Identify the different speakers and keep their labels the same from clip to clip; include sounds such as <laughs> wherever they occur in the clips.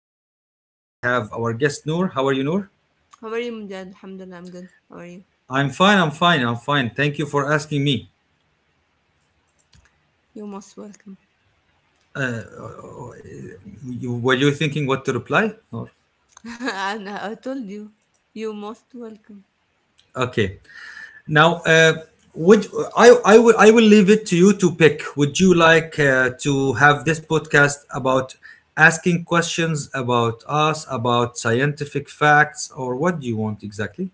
Speaker 1: host, and we have our guest Noor. How are you, Noor?
Speaker 2: How are you, Mujahid? Alhamdulillah, I'm good. How are you?
Speaker 1: I'm fine. I'm fine. I'm fine. Thank you for asking me.
Speaker 2: You most welcome.
Speaker 1: Were you thinking what to reply? Or,
Speaker 2: <laughs> and I told you, you most welcome.
Speaker 1: okay. Now, would I? I will leave it to you to pick. Would you like to have this podcast about asking questions about us, about scientific facts, or what do you want exactly?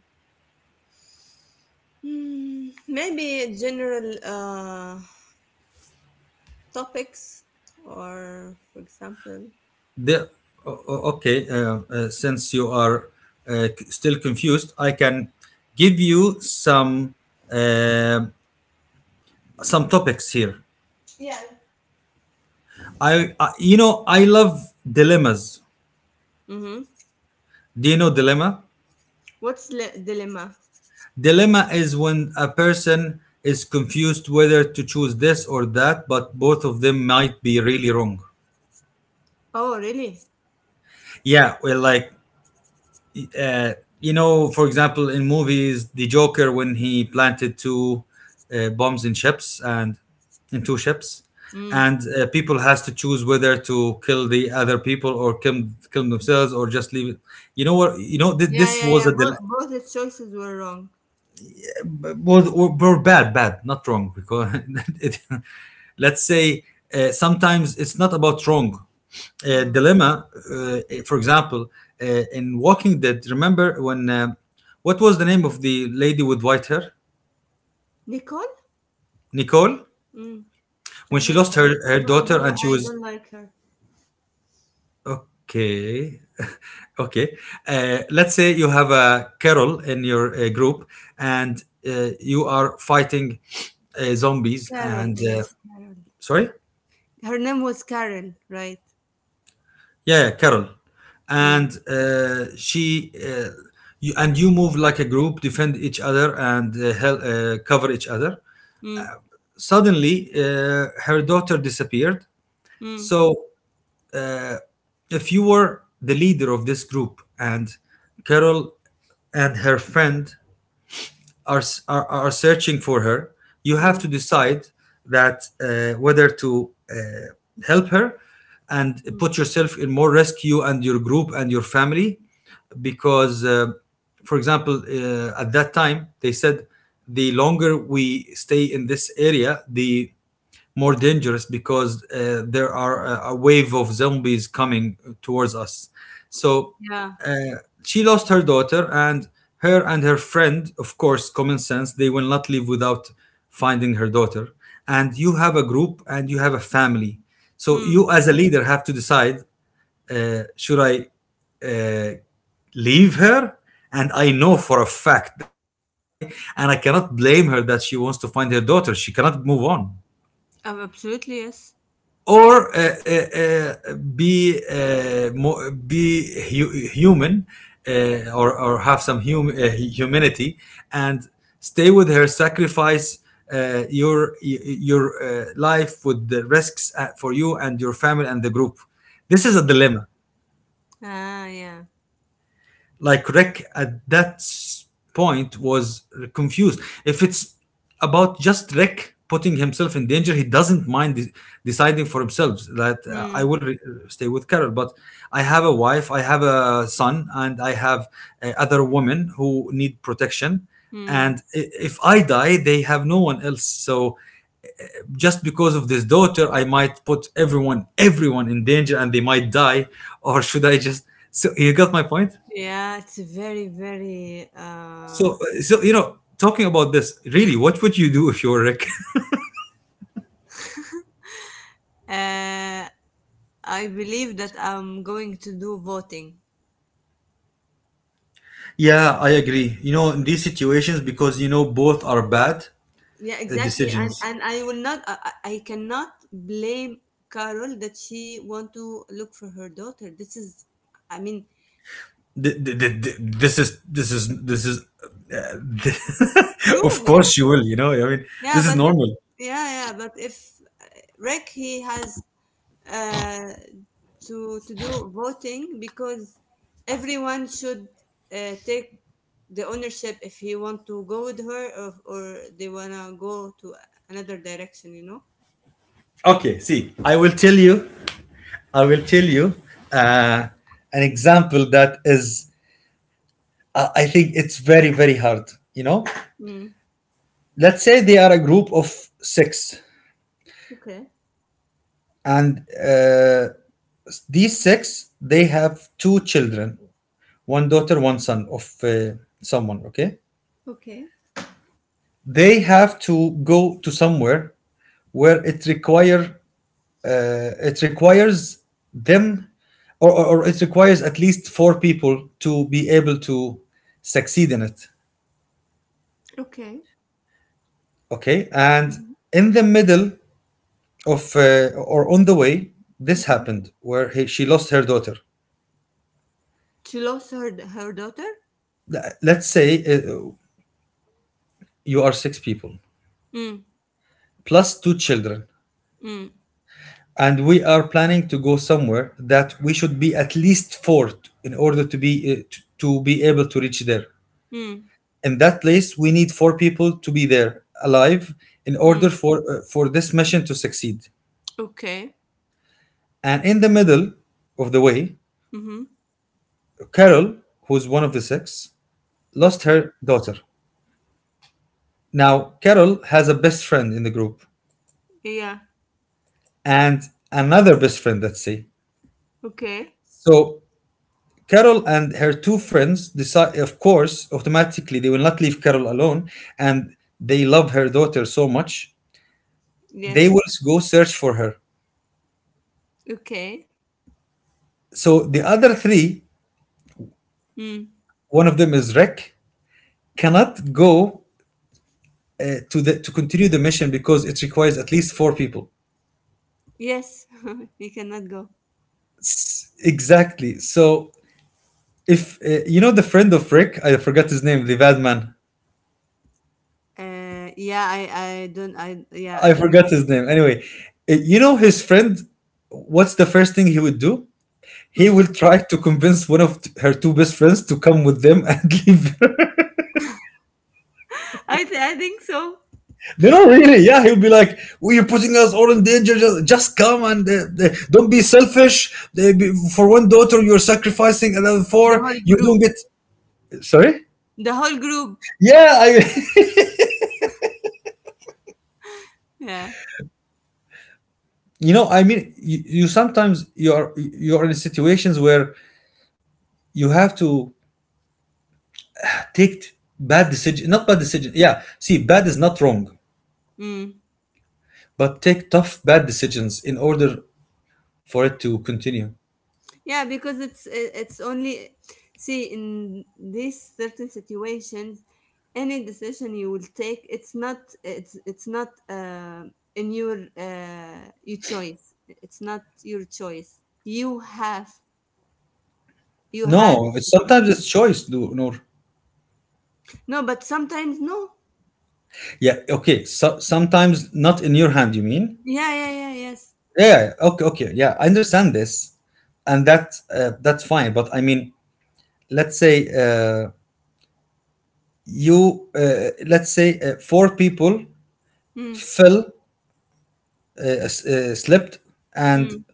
Speaker 2: Maybe general topics, or for example.
Speaker 1: The, okay, since you are still confused, I can give you um some topics here.
Speaker 2: Yeah.
Speaker 1: I love dilemmas.
Speaker 2: Mm-hmm.
Speaker 1: Do you know dilemma?
Speaker 2: Dilemma?
Speaker 1: Dilemma is when a person is confused whether to choose this or that, but both of them might be really wrong.
Speaker 2: Oh, really?
Speaker 1: Yeah, well, like uh, for example, in movies, the Joker when he planted two bombs in ships and in two ships,
Speaker 2: Mm.
Speaker 1: and people has to choose whether to kill the other people or kill themselves or just leave it. You know what? You know
Speaker 2: Yeah,
Speaker 1: this
Speaker 2: yeah,
Speaker 1: was
Speaker 2: yeah.
Speaker 1: a del
Speaker 2: Both the choices were wrong.
Speaker 1: was or bad not wrong because <laughs> it, let's say sometimes it's not about wrong
Speaker 2: Mm.
Speaker 1: dilemma. uh, for example, in Walking Dead, remember when what was the name of the lady with white hair?
Speaker 2: Nicole?
Speaker 1: Nicole.
Speaker 2: Mm. I
Speaker 1: When she
Speaker 2: hate
Speaker 1: lost
Speaker 2: her.
Speaker 1: her her daughter and she
Speaker 2: I
Speaker 1: was
Speaker 2: don't like her.
Speaker 1: okay. <laughs> Okay, let's say you have a Carol in your group, and you are fighting zombies,
Speaker 2: Carol,
Speaker 1: and
Speaker 2: yes, Carol.
Speaker 1: sorry.
Speaker 2: Her name was Carol, right?
Speaker 1: Yeah, yeah, Carol.
Speaker 2: Mm.
Speaker 1: And she and you move like a group, defend each other, and help, cover each other.
Speaker 2: Mm.
Speaker 1: Suddenly her daughter disappeared.
Speaker 2: Mm,
Speaker 1: So if you were the leader of this group, and Carol and her friend are are searching for her, you have to
Speaker 2: mm,
Speaker 1: decide that whether to help her and
Speaker 2: mm.
Speaker 1: put yourself in more risk, you and your group and your family, because, for example, at that time they said the longer we stay in this area, the more dangerous, because there are a wave of zombies coming towards us. So
Speaker 2: Yeah.
Speaker 1: uh, she lost her daughter, and her friend, of course, common sense, they will not live without finding her daughter. And you have a group and you have a family. So
Speaker 2: Mm.
Speaker 1: you, as a leader, have to decide, should I uh, leave her? And I know for a fact that she will die, and I cannot blame her that she wants to find her daughter. She cannot move on,
Speaker 2: Oh, absolutely, yes.
Speaker 1: or be be human, or have some humanity, and stay with her. Sacrifice uh, your your life with the risks for you and your family and the group. This is
Speaker 2: Mm.
Speaker 1: a dilemma.
Speaker 2: Ah, yeah.
Speaker 1: Like Rick at that point was confused. If it's about just Rick putting himself in danger, he doesn't mind deciding for himself that I
Speaker 2: Mm,
Speaker 1: will stay with Carol, but I have a wife, I have a son, and I have other women who need protection, and
Speaker 2: mm.
Speaker 1: if I die they have no one else. So just because of this daughter, I might put everyone in danger, and they might die. Or should I just, so you got my point?
Speaker 2: Yeah, it's very, very.
Speaker 1: So, talking about this, really, what would you do if you were Rick? <laughs>
Speaker 2: Uh, I believe that I'm going to do voting.
Speaker 1: Yeah, I agree. You know, in these situations, because you know both are bad
Speaker 2: Yeah, exactly. And
Speaker 1: decisions.
Speaker 2: and I will not. I cannot blame Carol that she want to look for her daughter. This is, I mean,
Speaker 1: Th- th- th- th- This is this is this is. <laughs>
Speaker 2: true.
Speaker 1: Of
Speaker 2: Yeah,
Speaker 1: course, you will. You know, I mean,
Speaker 2: yeah.
Speaker 1: this is normal.
Speaker 2: But if Rick he has uh, to do voting because everyone should take the ownership if he want to go with her, or they wanna go to another direction, you know.
Speaker 1: Okay, see, I will tell you uh, an example that is, I think it's very, very hard. You know,
Speaker 2: Mm.
Speaker 1: let's say they are a group of six,
Speaker 2: Okay,
Speaker 1: and these six, they have two children, one daughter, one son of someone. Okay,
Speaker 2: okay,
Speaker 1: they have to go to somewhere where it requires them, or it requires at least four people to be able to succeed in it.
Speaker 2: okay.
Speaker 1: Okay, and in the middle of or on the way, this
Speaker 2: hmm
Speaker 1: happened where she lost her daughter.
Speaker 2: she lost her daughter.
Speaker 1: Let's say you are six people
Speaker 2: Mm.
Speaker 1: plus two children.
Speaker 2: Mm.
Speaker 1: And we are planning to go somewhere that we should be at least four in order to be to be able to reach there.
Speaker 2: Mm.
Speaker 1: In that place we need four people to be there alive in order
Speaker 2: Mm.
Speaker 1: for this mission to succeed.
Speaker 2: Okay.
Speaker 1: And in the middle of the way,
Speaker 2: Mm-hmm.
Speaker 1: Carol, who's one of the six, lost her
Speaker 2: Okay.
Speaker 1: daughter. Now Carol has a best friend in the group,
Speaker 2: Yeah.
Speaker 1: and another best friend, let's say.
Speaker 2: Okay.
Speaker 1: So Carol and her two friends decide, of course, automatically they will not leave Carol alone, and they love her daughter so much, they will
Speaker 2: Yes.
Speaker 1: go search for her.
Speaker 2: Okay.
Speaker 1: So the other three,
Speaker 2: Mm.
Speaker 1: one of them is Rick, cannot go to continue the mission because it requires at least four people.
Speaker 2: Yes. <laughs> You cannot go.
Speaker 1: Exactly. So if you know the friend of Rick, I forgot his name, the bad man.
Speaker 2: Yeah, I don't, I, yeah, I
Speaker 1: I
Speaker 2: forget
Speaker 1: forgot
Speaker 2: his
Speaker 1: his name.
Speaker 2: name.
Speaker 1: Anyway, you know his friend. What's the first thing he would do? He will
Speaker 2: Mm.
Speaker 1: try to convince one of her two best friends to come with them <laughs> and leave her. <laughs>
Speaker 2: I think so.
Speaker 1: They don't really. Yeah, he'll be like, well, "You're putting us all in danger. Just come and don't be selfish. For one daughter, you're sacrificing another
Speaker 2: The
Speaker 1: four.
Speaker 2: whole
Speaker 1: You're doing
Speaker 2: group.
Speaker 1: it." Sorry.
Speaker 2: The whole group.
Speaker 1: Yeah, I. <laughs>
Speaker 2: Yeah.
Speaker 1: You know, I mean, you sometimes you are in situations where you have to take bad decision, not bad decision. Yeah, see, bad is not wrong,
Speaker 2: Mm.
Speaker 1: but take tough bad decisions in order for it to continue.
Speaker 2: It's only, see, in these certain situations, any decision you will take, it's not, in your choice. It's not your choice. You had.
Speaker 1: No, sometimes it's choice, Noor.
Speaker 2: No, but sometimes no.
Speaker 1: Yeah, okay. So sometimes not in your hand, you mean?
Speaker 2: Yeah, yeah, yeah, yes.
Speaker 1: Yeah, yeah, yeah, okay, okay. Yeah, I understand this, and that's fine. But I mean, let's say let's say four people
Speaker 2: Mm.
Speaker 1: fell, slipped, and
Speaker 2: Mm.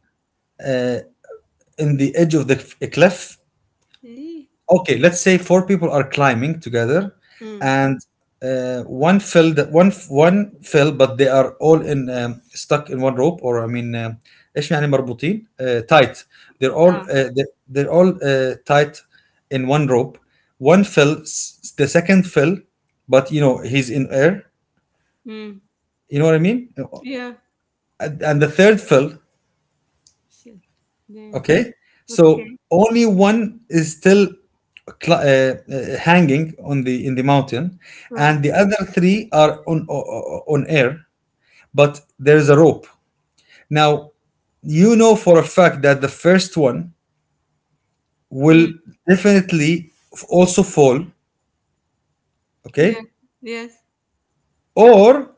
Speaker 1: in the edge of the cliff.
Speaker 2: Really?
Speaker 1: Okay, let's say four people are climbing together,
Speaker 2: Mm.
Speaker 1: and one fell one fell, but they are all in stuck in one rope, or I mean, إيش يعني مربوطين? Tight. They're all
Speaker 2: Ah.
Speaker 1: uh, they're all tight in one rope. One fell, the second fell, but you know he's in air.
Speaker 2: Mm.
Speaker 1: You know what I mean?
Speaker 2: Yeah.
Speaker 1: And the third fell.
Speaker 2: Shit. Damn.
Speaker 1: Okay, so
Speaker 2: Okay.
Speaker 1: only one is still hanging on the in the mountain, and
Speaker 2: Mm.
Speaker 1: the other three are on air. But there is a rope. Now, you know for a fact that the first one will
Speaker 2: Mm.
Speaker 1: definitely also fall.
Speaker 2: Yeah.
Speaker 1: Okay,
Speaker 2: Yes.
Speaker 1: or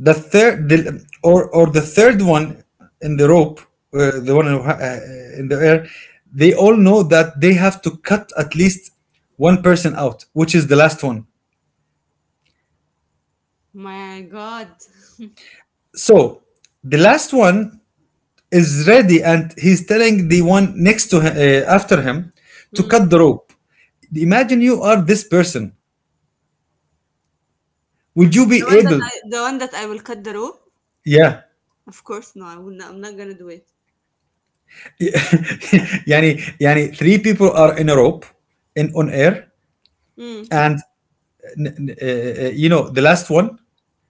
Speaker 1: The third one in the rope, the one who in the air, they all know that they have to cut at least one person out, which is the last one.
Speaker 2: My God.
Speaker 1: So the last one is ready, and he's telling the one next to him, after him, to
Speaker 2: Mm.
Speaker 1: cut the rope. Imagine you are this person. Would you be able?
Speaker 2: The one that I will cut the rope.
Speaker 1: Yeah.
Speaker 2: Of course, no. I will not. I'm not gonna do it.
Speaker 1: <laughs> يعني three people are in a rope in on air,
Speaker 2: Mm.
Speaker 1: and the last one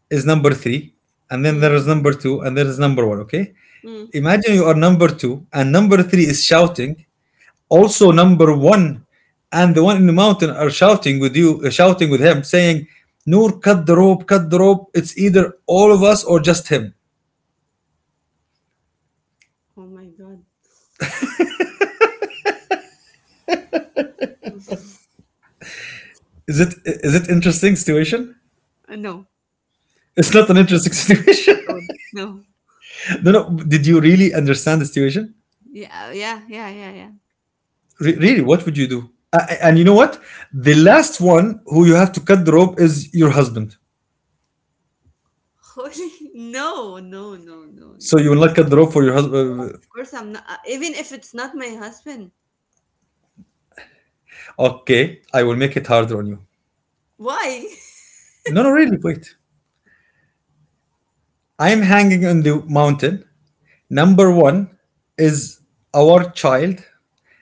Speaker 1: is number three, and then there
Speaker 2: Mm.
Speaker 1: is number two, and there is number one. Okay,
Speaker 2: Mm.
Speaker 1: imagine you are number two, and number three is shouting. Also, number one and the one in the mountain are shouting with you, shouting with him, saying, "Noor, cut the rope, cut the rope." It's either all of us or just him.
Speaker 2: Oh my God.
Speaker 1: Is it interesting situation?
Speaker 2: No.
Speaker 1: It's not an interesting <laughs>
Speaker 2: At
Speaker 1: situation.
Speaker 2: all. No.
Speaker 1: No, no. Did you really understand the situation?
Speaker 2: Yeah, yeah, yeah, yeah, yeah.
Speaker 1: Really, what would you do? And you know what? The last one who you have to cut the rope is your husband.
Speaker 2: Holy. <laughs> No, no, no, no,
Speaker 1: So you
Speaker 2: no.
Speaker 1: will not cut the rope for your husband.
Speaker 2: Of course, I'm not. Even if it's not my husband.
Speaker 1: Okay, I will make it harder on you.
Speaker 2: Why?
Speaker 1: No, no, really, wait. I am hanging on the mountain. Number one is our child.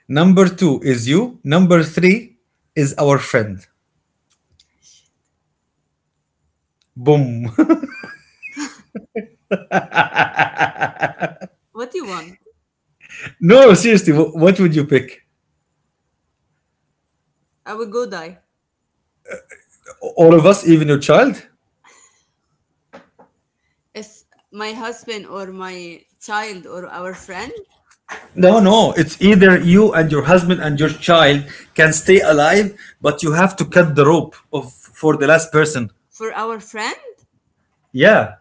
Speaker 1: Number two is you. Number three is our friend. Boom.
Speaker 2: <laughs> What do you want?
Speaker 1: <laughs> No, seriously, what would you pick?
Speaker 2: I will go die.
Speaker 1: All of us, even your child?
Speaker 2: If my husband or my child or our friend
Speaker 1: No, no. It's either you and your husband and your child can stay alive, but you have to cut the rope of for the last person.
Speaker 2: For our friend.
Speaker 1: Yeah,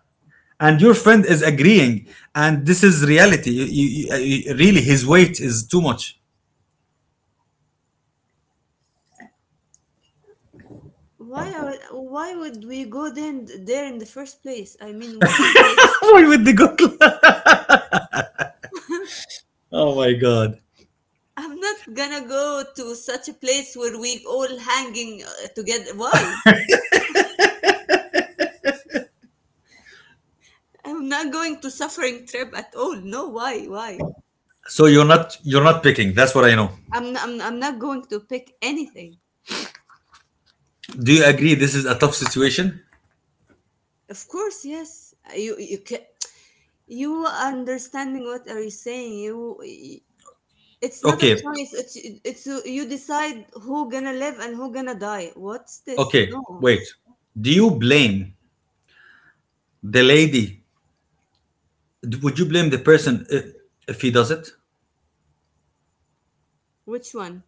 Speaker 1: and your friend is agreeing, and this is reality. Really, his weight is too much.
Speaker 2: Why would we go then there in the first place? I mean, what is this?
Speaker 1: <laughs> Why would they go? <laughs> Oh my god!
Speaker 2: <laughs> I'm not gonna go to such a place where we all hanging together. Why I'm not going to suffering trip at all. No why why
Speaker 1: So you're not picking. That's what I know.
Speaker 2: I'm not going to pick anything.
Speaker 1: Do you agree? This is a tough situation.
Speaker 2: Of course yes, you can. You understanding what are you saying? You It's not a
Speaker 1: Okay,
Speaker 2: choice. It's you you decide who gonna live and who gonna die. What's this?
Speaker 1: okay.
Speaker 2: No, it's,
Speaker 1: Wait. Do you blame the lady? Would you blame the person if he does it?
Speaker 2: Which one?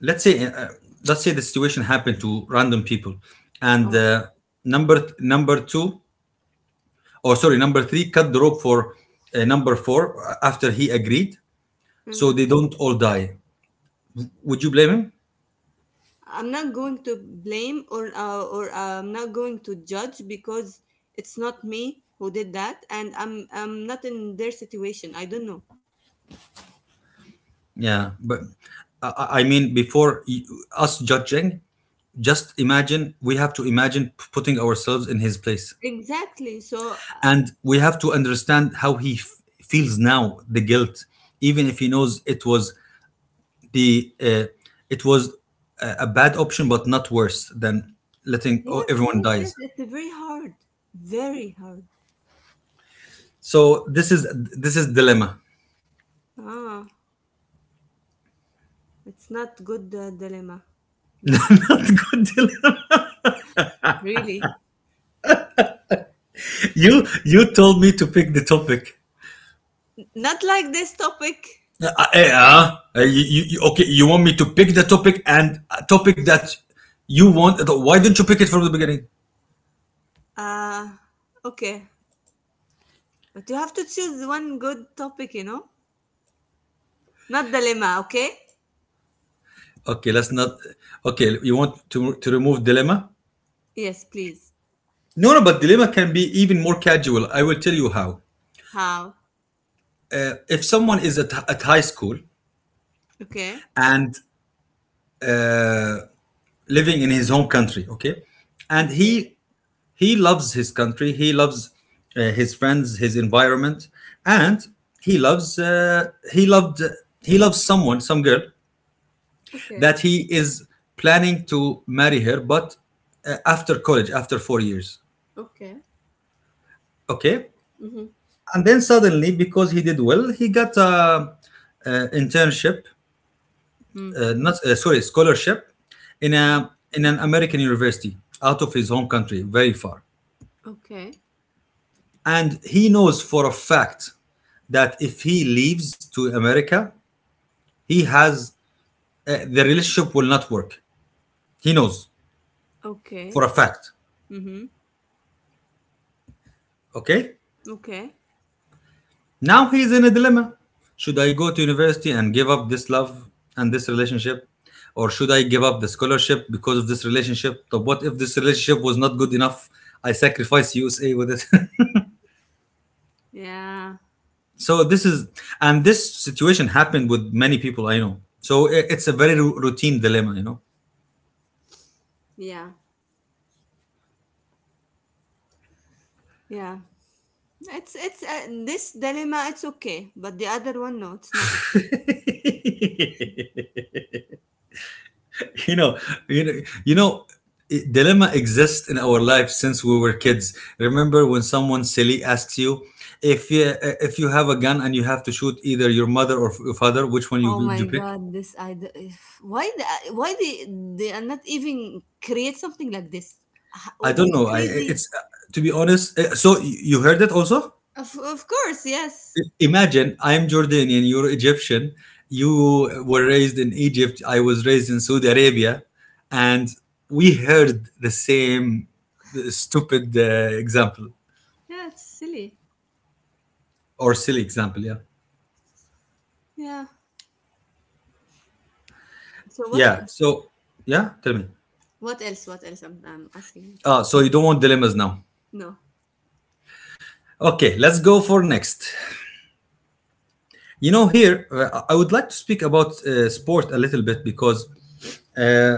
Speaker 1: let's say uh, let's say the situation happened to random people and
Speaker 2: Oh,
Speaker 1: uh, number two or sorry number three cut the rope for number four after he agreed so
Speaker 2: uh
Speaker 1: they don't all die, would you blame him?
Speaker 2: I'm not going to blame or I'm not going to judge because it's not me who did that, and I'm not in their situation. I don't know.
Speaker 1: Yeah, but I mean, before us judging, just imagine, we have to imagine putting ourselves in his place,
Speaker 2: Exactly.
Speaker 1: and we have to understand how feels now the guilt, even if he knows it was the it was a bad option, but not worse than letting
Speaker 2: Yes,
Speaker 1: everyone
Speaker 2: yes,
Speaker 1: dies.
Speaker 2: yes. It's very hard, very hard.
Speaker 1: So this is, this is dilemma.
Speaker 2: Ah, it's not good dilemma.
Speaker 1: <laughs>
Speaker 2: Not good.
Speaker 1: Not good dilemma.
Speaker 2: Really?
Speaker 1: You told me to pick the topic.
Speaker 2: Not like this topic.
Speaker 1: Okay, you want me to pick the topic, and a topic that you want. Why don't you pick it from the beginning?
Speaker 2: Uh, okay. But you have to choose one good topic, you know? Not dilemma, okay?
Speaker 1: Okay, let's not. Okay, you want to remove dilemma?
Speaker 2: Yes, please.
Speaker 1: No, no, but dilemma can be even more casual. I will tell you how.
Speaker 2: How?
Speaker 1: If someone is at high school
Speaker 2: Okay.
Speaker 1: and living in his home country, okay, and
Speaker 2: Okay.
Speaker 1: he loves his country, he loves his friends, his environment, and
Speaker 2: Hmm.
Speaker 1: he loves uh, he loves someone, some girl
Speaker 2: Okay.
Speaker 1: that he is planning to marry her, but after college, after 4 years,
Speaker 2: Okay.
Speaker 1: okay.
Speaker 2: Mm-hmm.
Speaker 1: And then suddenly, because he did well, he got a internship,
Speaker 2: Mm.
Speaker 1: not sorry scholarship in
Speaker 2: Okay.
Speaker 1: a, in an american university out of his home country, very far.
Speaker 2: Okay.
Speaker 1: And he knows for a fact that if he leaves to America, he has, the relationship will not work. He knows
Speaker 2: Okay.
Speaker 1: for a fact.
Speaker 2: Mm-hmm.
Speaker 1: Okay?
Speaker 2: Okay.
Speaker 1: Now he's in a dilemma. Should I go to university and give up this love and this relationship? Or should I give up the scholarship because of this relationship? So what if this relationship was not good enough? I sacrifice USA with it.
Speaker 2: Yeah,
Speaker 1: <laughs> So this is, and this situation happened with many people I know. So it's a very routine dilemma, you
Speaker 2: yeah, yeah. It's This dilemma, it's okay, but the other one, no, it's not okay.
Speaker 1: know? <laughs> <laughs> You know, you know, you know, dilemma exists in our life since we were kids. Remember when someone silly asks you, if you if you have a gun and you have to shoot either your mother or father, which one you
Speaker 2: Oh
Speaker 1: would
Speaker 2: my
Speaker 1: you pick?
Speaker 2: God, this idea. Why the, why they are not even create something like this?
Speaker 1: I don't
Speaker 2: Who's
Speaker 1: know, I
Speaker 2: crazy?
Speaker 1: it's, to be honest, so you heard that also.
Speaker 2: Of course, yes.
Speaker 1: Imagine I'm jordanian, you're egyptian. You were raised in egypt, I was raised in saudi arabia, and we heard the same stupid example,
Speaker 2: Yeah, it's silly.
Speaker 1: or silly example, yeah.
Speaker 2: Yeah. So what else?
Speaker 1: yeah. So yeah, tell me.
Speaker 2: What else? What else? I'm asking.
Speaker 1: So you don't want dilemmas now.
Speaker 2: No.
Speaker 1: Okay, let's go for next. You know, here, I would like to speak about sport a little bit because uh,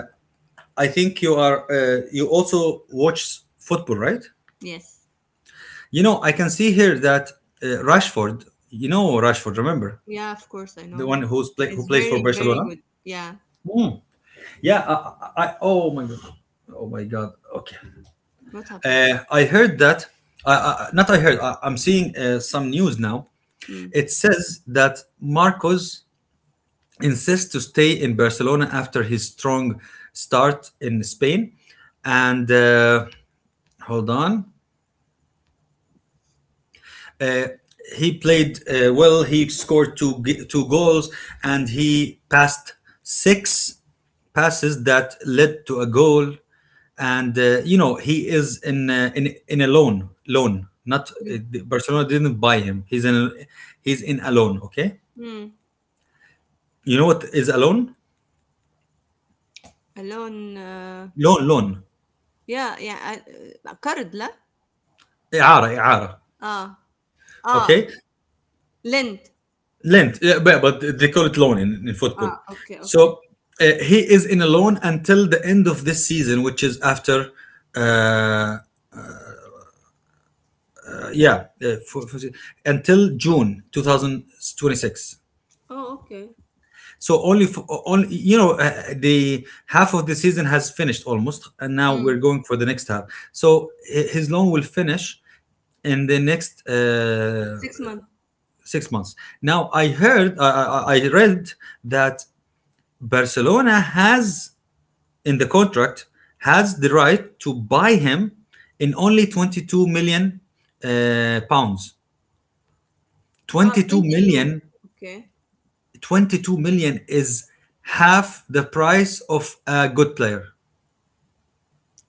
Speaker 1: I think you are you also watch football, right?
Speaker 2: Yes.
Speaker 1: You know, I can see here that rashford, you know, rashford, remember?
Speaker 2: Yeah, of course I know
Speaker 1: The one
Speaker 2: him. It's
Speaker 1: who plays for
Speaker 2: very, very
Speaker 1: barcelona.
Speaker 2: good. Yeah.
Speaker 1: Hmm. Yeah, I, oh my god, oh my god, okay.
Speaker 2: What happened?
Speaker 1: I heard that. I, not I heard. I, I'm seeing some news now.
Speaker 2: Mm.
Speaker 1: It says that Marcos insists to stay in Barcelona after his strong start in Spain. And hold on. Uh, he played well. He scored two goals, and he passed six passes that led to a goal. And you know, he is in in a loan. Not
Speaker 2: Mm.
Speaker 1: Barcelona didn't buy him. He's in, he's in a loan. Okay,
Speaker 2: Mm.
Speaker 1: you know what is a loan?
Speaker 2: Alone.
Speaker 1: Loan.
Speaker 2: Yeah. Karud, la?
Speaker 1: إعارة إعارة.
Speaker 2: Ah.
Speaker 1: Okay.
Speaker 2: Ah. Lent.
Speaker 1: Lent, yeah, but they call it loan in football.
Speaker 2: Ah. Okay. Okay.
Speaker 1: So he is in a loan until the end of this season, which is after, uh, uh, yeah, until June 2026.
Speaker 2: Oh. Okay.
Speaker 1: So only, for, only, you know, the half of the season has finished almost, and now
Speaker 2: Hmm.
Speaker 1: we're going for the next half. So his loan will finish in the next
Speaker 2: 6 months.
Speaker 1: 6 months. Now I heard, I I read that Barcelona has in the contract has the right to buy him in only 22 million pounds.
Speaker 2: Ah,
Speaker 1: 22
Speaker 2: 22.
Speaker 1: million.
Speaker 2: Okay.
Speaker 1: 22 million is half the price of a good player.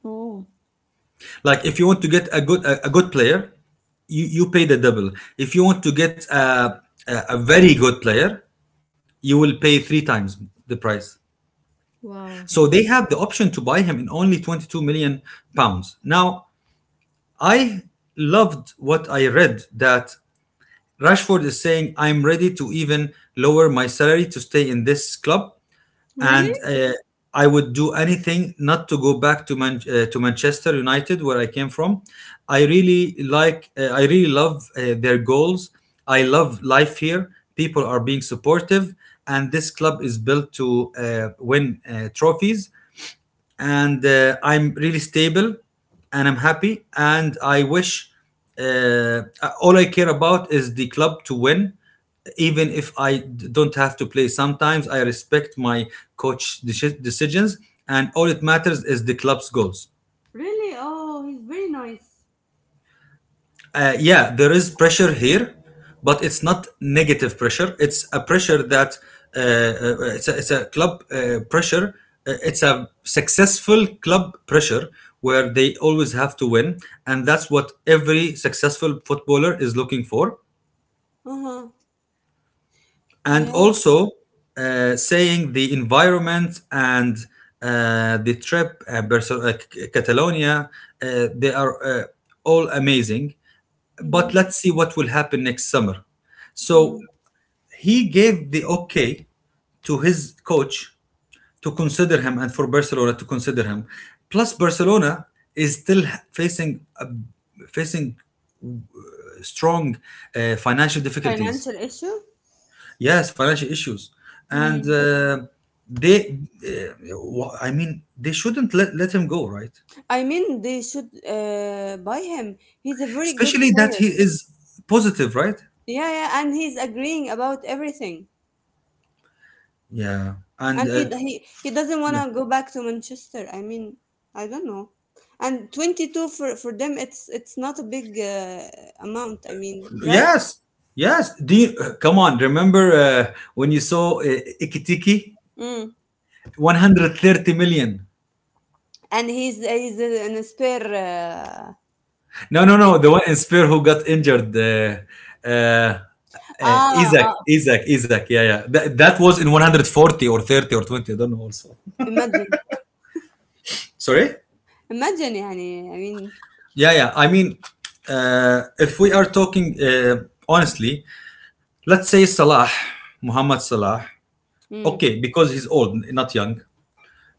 Speaker 2: Oh,
Speaker 1: Like if you want to get a good player, you pay the double. If you want to get a very good player, you will pay three times the price.
Speaker 2: wow.
Speaker 1: So they have the option to buy him in only 22 million pounds. Now I loved what I read, that Rashford is saying, I'm ready to even lower my salary to stay in this club.
Speaker 2: Really?
Speaker 1: And I would do anything not to go back to Manchester United, where I came from. I really like, I really love their goals. I love life here. People are being supportive. And this club is built to win trophies, and I'm really stable, and I'm happy, and I wish, uh, all I care about is the club to win. Even if I don't have to play sometimes, I respect my coach decisions, and all it matters is the club's goals.
Speaker 2: Really? Oh, he's very nice.
Speaker 1: Yeah, there is pressure here, but it's not negative pressure. It's a pressure that, it's it's a club pressure. It's a successful club pressure where they always have to win, and that's what every successful footballer is looking for.
Speaker 2: Uh-huh.
Speaker 1: And
Speaker 2: Yeah.
Speaker 1: also saying the environment, and the trip, Catalonia, they are all amazing. But
Speaker 2: Mm-hmm.
Speaker 1: let's see what will happen next summer. So
Speaker 2: Mm.
Speaker 1: he gave the okay to his coach to consider him, and for Barcelona to consider him. Plus, Barcelona is still facing a, facing strong financial difficulties.
Speaker 2: Financial issue?
Speaker 1: Yes, financial issues, and
Speaker 2: Mm.
Speaker 1: they, uh, I mean, they shouldn't let him go, right?
Speaker 2: I mean, they should buy him. He's a very good
Speaker 1: Especially that
Speaker 2: player.
Speaker 1: he is positive, right?
Speaker 2: Yeah, yeah, and he's agreeing about everything.
Speaker 1: Yeah, and
Speaker 2: And he doesn't want
Speaker 1: yeah.
Speaker 2: to go back to Manchester. I mean, I don't know. And 22 for them it's not a big amount, I mean, right?
Speaker 1: Yes, yes. Do you, come on? Remember when you saw Ikitiki?
Speaker 2: Mm.
Speaker 1: 130 million.
Speaker 2: And he's an spare
Speaker 1: No, no, no.
Speaker 2: bed.
Speaker 1: The one in Spear who got injured. Uh,
Speaker 2: آه
Speaker 1: Isaac,
Speaker 2: آه
Speaker 1: Isaac. Yeah, yeah. That, that was in 140 or 30 or 20. I don't know. Also,
Speaker 2: imagine
Speaker 1: sorry.
Speaker 2: imagine يعني I mean.
Speaker 1: Yeah, yeah. I mean, if we are talking honestly, let's say Salah, Muhammad Salah.
Speaker 2: Mm,
Speaker 1: Okay, because he's old, not young.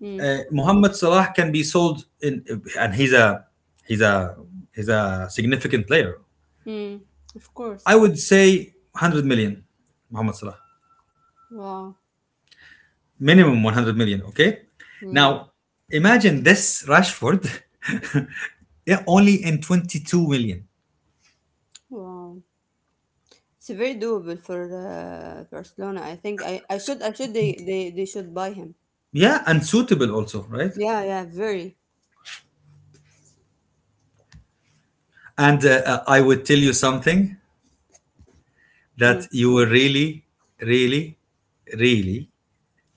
Speaker 2: mm,
Speaker 1: Uh, Mohamed Salah can be sold in, and he's a, he's a, he's a significant player.
Speaker 2: mm, of
Speaker 1: I
Speaker 2: course.
Speaker 1: would say 100 million, Mohamed Salah,
Speaker 2: Wow.
Speaker 1: minimum 100 million. Okay,
Speaker 2: Mm,
Speaker 1: now imagine this Rashford, <laughs> yeah, only in 22 million.
Speaker 2: wow, it's very doable for Barcelona. I think I should they should buy him.
Speaker 1: Yeah, and suitable also, right?
Speaker 2: Yeah, yeah, very.
Speaker 1: And I would tell you something
Speaker 2: Mm,
Speaker 1: that you will really, really, really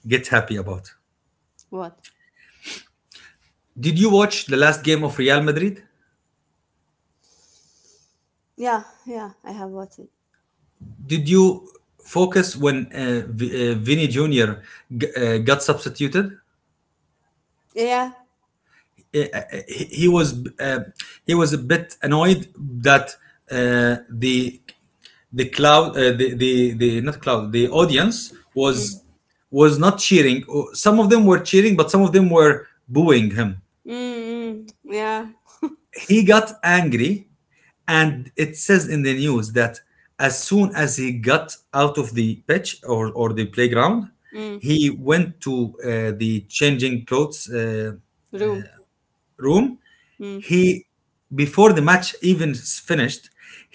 Speaker 1: get happy about.
Speaker 2: what?
Speaker 1: Did you watch the last game of Real Madrid?
Speaker 2: Yeah, yeah, I have watched it.
Speaker 1: Did you focus when Vinny Jr. Got substituted?
Speaker 2: Yeah.
Speaker 1: Uh, uh, he was he was a bit annoyed that the, the not cloud, the audience
Speaker 2: Mm,
Speaker 1: was not cheering. Some of them were cheering, but some of them were booing him.
Speaker 2: mm, mm, yeah.
Speaker 1: He got angry, and it says in the news that as soon as he got out of the pitch, or the playground,
Speaker 2: Mm,
Speaker 1: he went to the changing clothes,
Speaker 2: room.
Speaker 1: room.
Speaker 2: Mm,
Speaker 1: He, before the match even finished,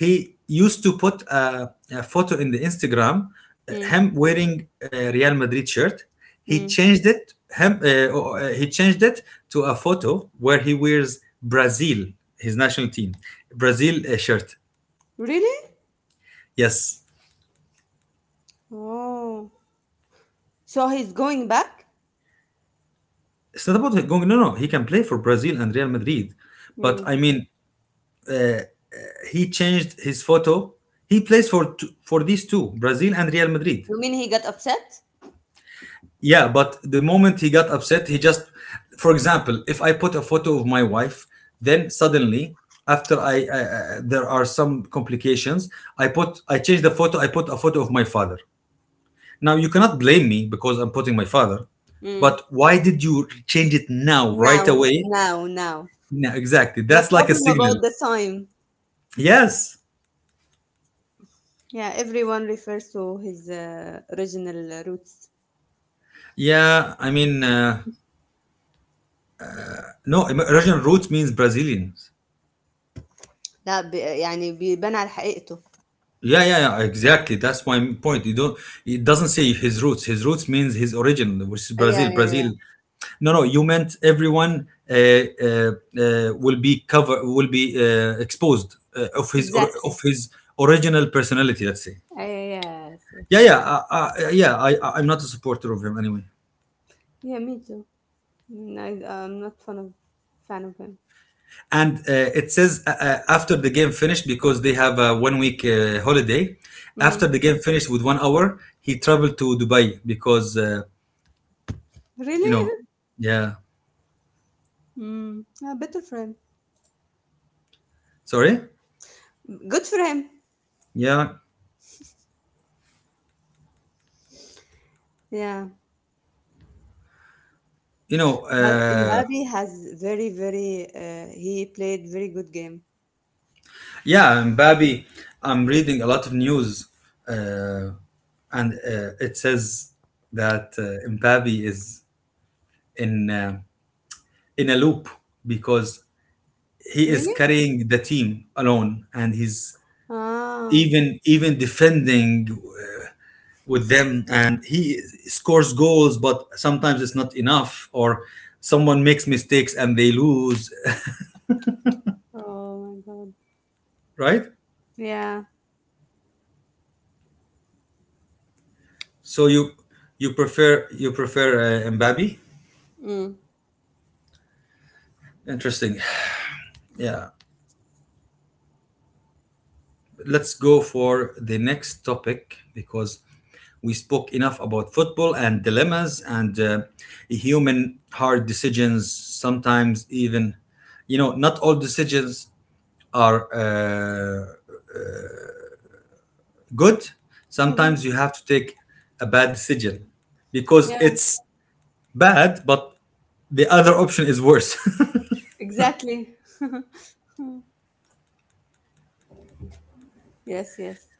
Speaker 1: he used to put a photo in the instagram,
Speaker 2: mm,
Speaker 1: him wearing a real madrid shirt. He
Speaker 2: mm.
Speaker 1: changed it, he changed it to a photo where he wears brazil, his national team, brazil shirt.
Speaker 2: Really?
Speaker 1: Yes.
Speaker 2: Oh. So he's going back?
Speaker 1: It's not about going, no, no, he can play for brazil and real madrid, but
Speaker 2: Mm.
Speaker 1: I mean, he changed his photo. He plays for for these two, brazil and real madrid.
Speaker 2: You mean he got upset?
Speaker 1: Yeah, but the moment he got upset, he just, for example, if I put a photo of my wife, then suddenly after I, there are some complications, I change the photo. I put a photo of my father. Now you cannot blame me because I'm putting my father,
Speaker 2: Mm.
Speaker 1: but why did you change it now right
Speaker 2: Now,
Speaker 1: away?
Speaker 2: now, now.
Speaker 1: No, exactly.
Speaker 2: The
Speaker 1: That's like a
Speaker 2: problem
Speaker 1: signal.
Speaker 2: about the time.
Speaker 1: Yes.
Speaker 2: Yeah, everyone refers to his original roots.
Speaker 1: Yeah. I mean, no. Original roots means Brazilians.
Speaker 2: لا ب... يعني بيبان على حقيقته.
Speaker 1: Yeah, yeah, yeah, exactly. That's my point. You don't. It doesn't say his roots. His roots means his origin, which is
Speaker 2: Yeah, yeah,
Speaker 1: Brazil.
Speaker 2: yeah.
Speaker 1: Brazil. No, no. You meant everyone will be exposed of
Speaker 2: Exactly.
Speaker 1: his original personality. Let's say.
Speaker 2: Yes, yes,
Speaker 1: Yeah,
Speaker 2: yes.
Speaker 1: yeah, yeah. I'm not a supporter of him anyway.
Speaker 2: Yeah, me too. Mm, I'm not fan of him.
Speaker 1: And it says after the game finished, because they have a 1 week holiday. After
Speaker 2: Mm.
Speaker 1: the game finished with 1 hour, he traveled to Dubai because you know,
Speaker 2: Really?
Speaker 1: yeah,
Speaker 2: Mm. Yeah, better friend.
Speaker 1: sorry,
Speaker 2: Good for him.
Speaker 1: yeah,
Speaker 2: Yeah.
Speaker 1: you know,
Speaker 2: But Mbappe has very, very, he played very good game.
Speaker 1: yeah, and babi, I'm reading a lot of news uh and it says that Mbappe is in uh, in a loop because he is
Speaker 2: Really?
Speaker 1: carrying the team alone, and he's
Speaker 2: Ah,
Speaker 1: even defending with them, and he scores goals, but sometimes it's not enough, or someone makes mistakes and they lose.
Speaker 2: oh my God.
Speaker 1: <laughs> Right.
Speaker 2: Yeah.
Speaker 1: So you prefer Mbappe?
Speaker 2: Mm.
Speaker 1: Interesting. Yeah. Let's go for the next topic because we spoke enough about football and dilemmas and human hard decisions. Sometimes even, not all decisions are good. Sometimes
Speaker 2: <laughs>
Speaker 1: you have to take a bad decision because
Speaker 2: Yeah,
Speaker 1: it's bad, but the other option is worse. <laughs>
Speaker 2: exactly. <laughs> Yes, yes.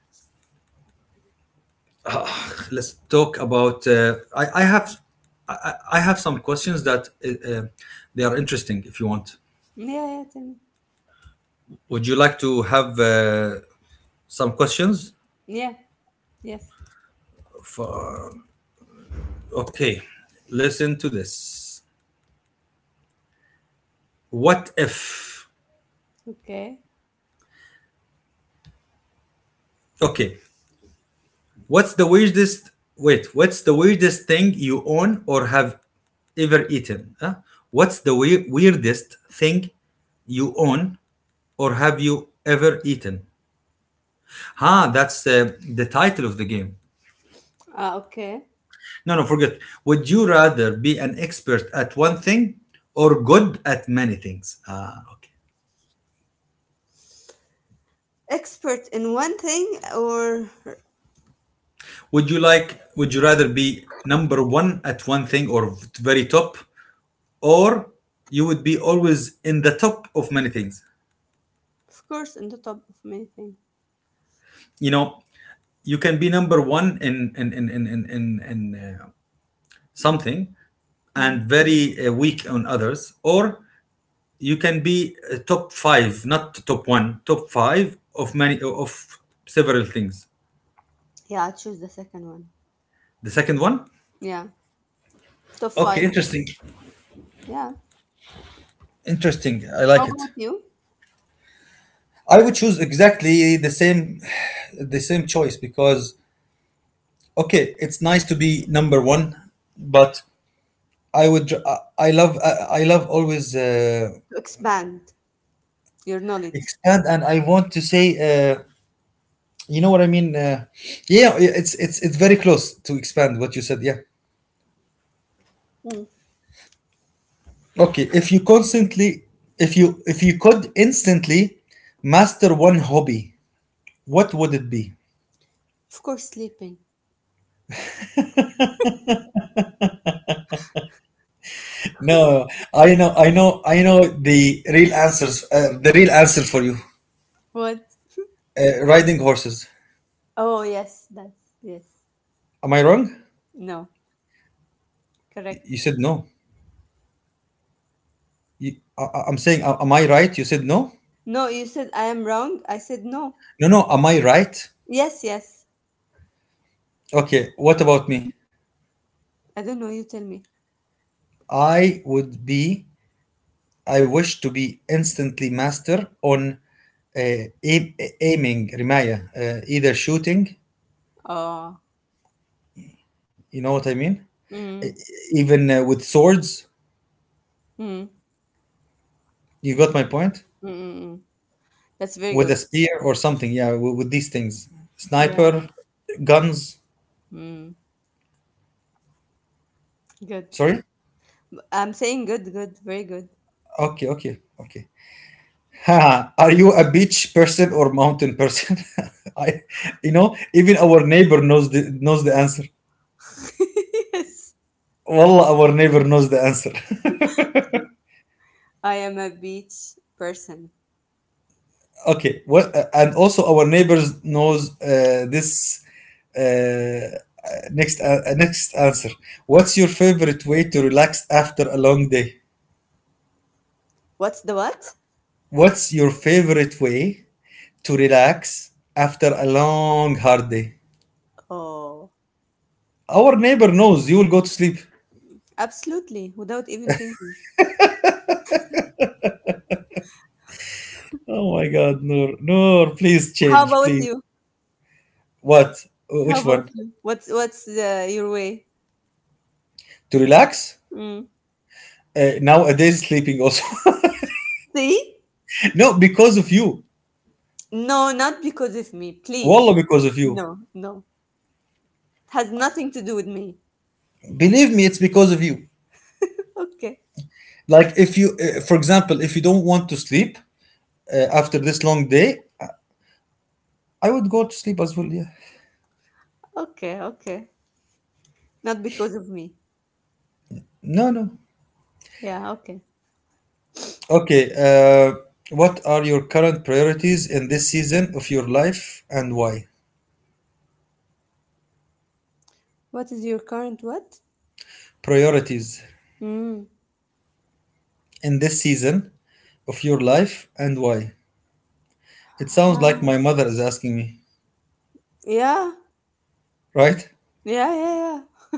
Speaker 1: Let's talk about. I have some questions that they are interesting if you want.
Speaker 2: Yeah, yeah, tell me.
Speaker 1: Would you like to have some questions?
Speaker 2: Yeah, yes.
Speaker 1: Okay, listen to this. What if?
Speaker 2: Okay.
Speaker 1: Okay, what's the weirdest. Wait, what's the weirdest thing you own or have ever eaten, huh? What's the weirdest thing you own or have you ever eaten? Ah, that's the title of the game.
Speaker 2: Ah, okay.
Speaker 1: No, no, forget. Would you rather be an expert at one thing or good at many things? Ah, okay.
Speaker 2: Expert in one thing, or
Speaker 1: Would you rather be number one at one thing or very top, or you would be always in the top of many things?
Speaker 2: of course, in the top of many things.
Speaker 1: You know, you can be number one in something,
Speaker 2: Mm.
Speaker 1: and very weak on others, or you can be top five, not top one, top five of many, of several things.
Speaker 2: Yeah, I choose the second one.
Speaker 1: The second one?
Speaker 2: Yeah. Top
Speaker 1: Okay,
Speaker 2: five.
Speaker 1: interesting.
Speaker 2: Yeah.
Speaker 1: Interesting. I
Speaker 2: How
Speaker 1: like it.
Speaker 2: about you?
Speaker 1: I would choose exactly the same choice because okay, it's nice to be number 1, but I I love always.
Speaker 2: To expand your knowledge.
Speaker 1: Expand, and I want to say you know what I mean? Yeah, yeah, it's very close to expand what you said. Yeah. Okay, if you constantly if you could instantly master one hobby, what would it be?
Speaker 2: Of course, sleeping.
Speaker 1: No, I know the real answers. The real answer for you,
Speaker 2: What?
Speaker 1: riding horses.
Speaker 2: Oh, yes, that's yes.
Speaker 1: Am I wrong?
Speaker 2: No, correct.
Speaker 1: You said no. I'm saying, am I right? You said no.
Speaker 2: No, you said I am wrong. I said no.
Speaker 1: No, no. Am I right?
Speaker 2: Yes, yes.
Speaker 1: Okay. What about me?
Speaker 2: I don't know. You tell me.
Speaker 1: I would be. I wish to be instantly master on uh, aim, aiming, Rimaya, either shooting.
Speaker 2: Oh,
Speaker 1: You know what I mean?
Speaker 2: mm,
Speaker 1: Even with swords.
Speaker 2: mm, mm,
Speaker 1: You got my point.
Speaker 2: mm, mm. That's very
Speaker 1: With a
Speaker 2: good.
Speaker 1: spear or something. Yeah, with these things,
Speaker 2: Yeah.
Speaker 1: sniper, guns.
Speaker 2: Mm, good.
Speaker 1: Sorry.
Speaker 2: I'm saying good, good, very good.
Speaker 1: Okay, okay, okay. Ha, are you a beach person or mountain person? <laughs> I, you know, even our neighbor knows the answer.
Speaker 2: <laughs> Yes.
Speaker 1: Wallah, our neighbor knows the answer.
Speaker 2: I am a beach person.
Speaker 1: <laughs> Okay, what? And also our neighbors knows this, uh, uh, next answer. What's your favorite way to relax after a long day?
Speaker 2: What's the what?
Speaker 1: What's your favorite way to relax after a long hard day.
Speaker 2: Oh,
Speaker 1: Our neighbor knows you will go to sleep.
Speaker 2: absolutely. Without even thinking.
Speaker 1: Oh my God, Noor, Noor, please
Speaker 2: How
Speaker 1: change,
Speaker 2: about
Speaker 1: please.
Speaker 2: you?
Speaker 1: What?
Speaker 2: How
Speaker 1: Which
Speaker 2: about
Speaker 1: one?
Speaker 2: you? What's the your way?
Speaker 1: To relax? Nowadays, sleeping also.
Speaker 2: See?
Speaker 1: <laughs> No, because of you.
Speaker 2: No, not because of me. Please.
Speaker 1: Wallah, because of you.
Speaker 2: No, no. It has nothing to do with me.
Speaker 1: Believe me, it's because of you.
Speaker 2: Okay,
Speaker 1: Like, if you, for example, if you don't want to sleep after this long day, I would go to sleep as well. Yeah.
Speaker 2: okay, okay. Not because of me.
Speaker 1: No, no.
Speaker 2: Yeah, okay.
Speaker 1: Okay, what are your current priorities in this season of your life and why?
Speaker 2: What is your current what?
Speaker 1: Priorities
Speaker 2: Mm.
Speaker 1: in this season of your life and why? It sounds like my mother is asking me,
Speaker 2: Yeah,
Speaker 1: right?
Speaker 2: yeah, yeah, yeah.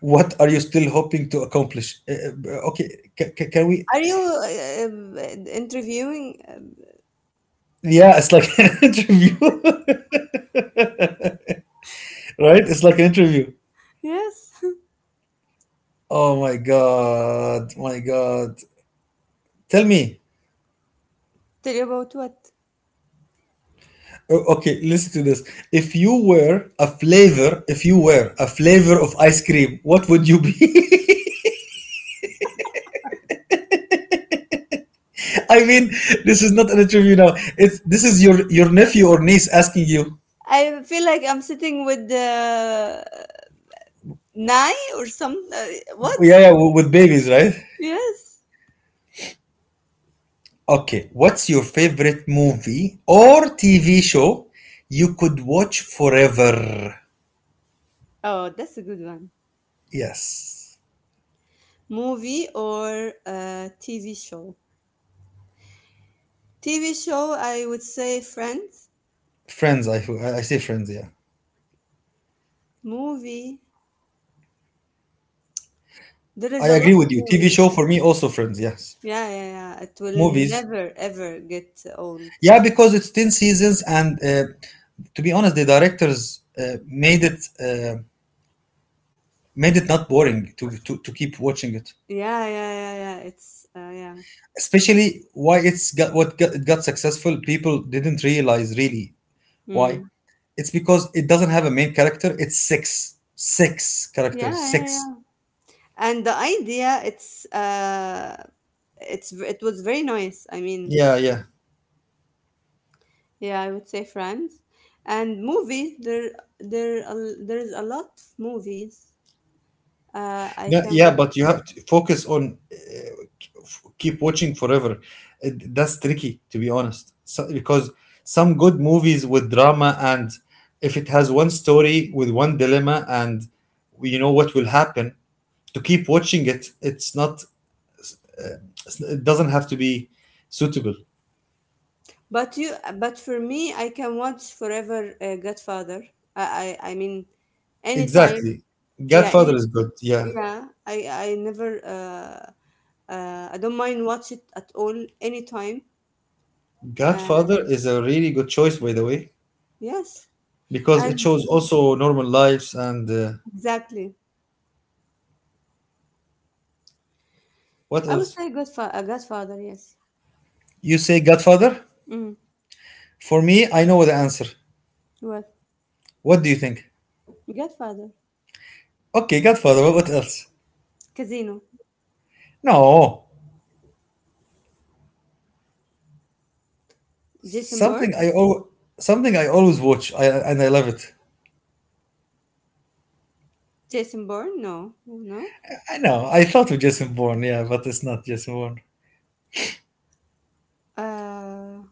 Speaker 1: What are you still hoping to accomplish? Okay, can we?
Speaker 2: Are you interviewing?
Speaker 1: Yeah, it's like <laughs> an interview, <laughs> right? It's like an interview.
Speaker 2: Yes.
Speaker 1: Oh my God, my God. Tell me.
Speaker 2: <laughs> Tell you about what?
Speaker 1: Okay, listen to this. If you were a flavor, If you were a flavor of ice cream, what would you be? <laughs> I mean, this is not an interview now. It's This is your nephew or niece asking you.
Speaker 2: I feel like I'm sitting with Nai or some. What?
Speaker 1: Yeah, yeah, with babies, right?
Speaker 2: Yes.
Speaker 1: Okay, what's your favorite movie or TV show you could watch forever?
Speaker 2: Oh, that's a good one.
Speaker 1: Yes.
Speaker 2: Movie or TV show? TV show, I would say Friends.
Speaker 1: Friends. I say Friends, yeah.
Speaker 2: Movie, there
Speaker 1: I
Speaker 2: is a lot
Speaker 1: agree
Speaker 2: of
Speaker 1: with you. TV
Speaker 2: movie.
Speaker 1: show for me also Friends, yes.
Speaker 2: Yeah, yeah, yeah. It will
Speaker 1: Movies.
Speaker 2: never ever get old.
Speaker 1: Yeah, because it's 10 seasons, and to be honest, the directors made it not boring to keep watching it.
Speaker 2: Yeah, yeah, yeah, yeah. It's yeah.
Speaker 1: Especially why it's got what got, it got successful. People didn't realize really
Speaker 2: Mm.
Speaker 1: why. It's because it doesn't have a main character. It's six, six characters,
Speaker 2: Yeah, yeah,
Speaker 1: six.
Speaker 2: yeah. And the idea, it's it was very nice. I mean,
Speaker 1: Yeah, yeah.
Speaker 2: yeah, I would say Friends. And movies, there is a lot of movies. I
Speaker 1: No,
Speaker 2: can
Speaker 1: yeah, but you have to focus on keep watching forever. That's tricky, to be honest, so, because some good movies with drama and if it has one story with one dilemma and you know what will happen, to keep watching it, it's not. It doesn't have to be suitable.
Speaker 2: But you, but for me, I can watch forever Godfather. I mean, anytime.
Speaker 1: Exactly.
Speaker 2: Yeah,
Speaker 1: Godfather
Speaker 2: any,
Speaker 1: is good. Yeah,
Speaker 2: yeah. I never. I don't mind watch it at all, anytime.
Speaker 1: Godfather
Speaker 2: Uh,
Speaker 1: is a really good choice, by the way,
Speaker 2: yes,
Speaker 1: because it
Speaker 2: and
Speaker 1: shows also normal lives and
Speaker 2: exactly.
Speaker 1: what
Speaker 2: I would
Speaker 1: else?
Speaker 2: say Godfather. Godfather. Yes.
Speaker 1: You say Godfather?
Speaker 2: Mm.
Speaker 1: For me, I know the answer.
Speaker 2: What?
Speaker 1: What do you think?
Speaker 2: Godfather.
Speaker 1: Okay, Godfather. What else?
Speaker 2: Casino.
Speaker 1: No,
Speaker 2: Jason Bourne.
Speaker 1: something I al- something I always watch. I love it.
Speaker 2: Jason Bourne. No. No.
Speaker 1: I know. I thought of Jason Bourne. Yeah, but it's not Jason Bourne.
Speaker 2: Uh,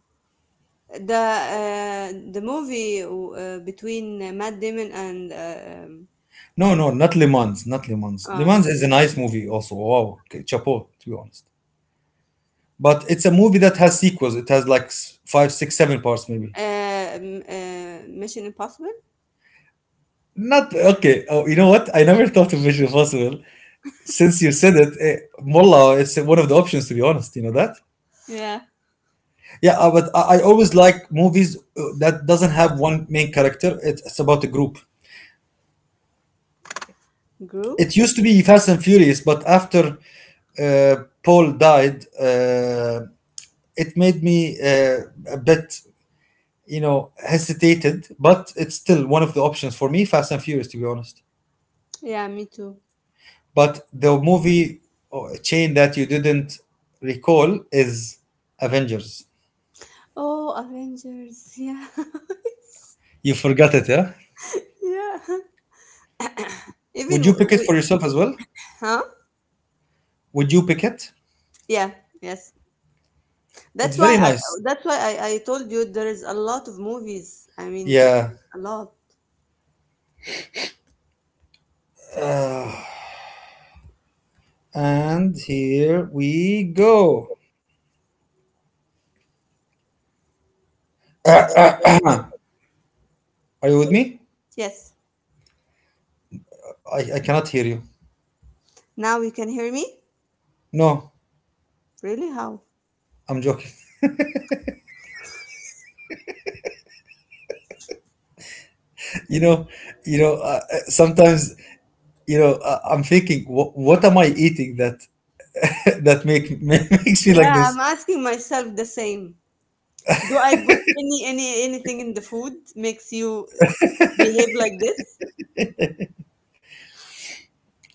Speaker 2: the the movie between Matt Damon and um,
Speaker 1: No, no, not Le Mans. Not Le Mans. Le Mans
Speaker 2: not
Speaker 1: is a
Speaker 2: Elon,
Speaker 1: nice movie also. Wow, okay, chapeau. To be honest, but it's a movie that has sequels. It has like five, six, seven parts maybe.
Speaker 2: Mission Impossible.
Speaker 1: Not okay. Oh, you know what? I never thought of Mission Impossible. Since you said it, eh, Mullah, it's one of the options, to be honest. You know that?
Speaker 2: Yeah,
Speaker 1: Yeah, but I always like movies that doesn't have one main character. It's about a group.
Speaker 2: Gru.
Speaker 1: It used to be Fast and Furious, but after uh, Paul died, it made me a bit, hesitated. But it's still one of the options for me, Fast and Furious, to be honest.
Speaker 2: Yeah, me too.
Speaker 1: But the movie or chain that you didn't recall is Avengers.
Speaker 2: Oh, Avengers. Yeah. <laughs>
Speaker 1: You forgot it, yeah?
Speaker 2: Yeah. Even
Speaker 1: Would you
Speaker 2: w-
Speaker 1: pick it
Speaker 2: we,
Speaker 1: for yourself as well?
Speaker 2: huh?
Speaker 1: Would you pick it?
Speaker 2: Yeah, yes.
Speaker 1: It's
Speaker 2: That's why
Speaker 1: very
Speaker 2: I.
Speaker 1: nice.
Speaker 2: That's why I told you there is a lot of movies. I mean,
Speaker 1: Yeah.
Speaker 2: a lot.
Speaker 1: And here we go. Are you with me?
Speaker 2: Yes.
Speaker 1: I cannot hear you.
Speaker 2: Now you can hear me.
Speaker 1: No,
Speaker 2: Really? How?
Speaker 1: I'm joking. <laughs> You know, you know. Sometimes, I'm thinking, what am I eating that <laughs> that make <laughs> makes me like
Speaker 2: Yeah,
Speaker 1: this?
Speaker 2: I'm asking myself the same. Do I put any anything in the food makes you behave like this?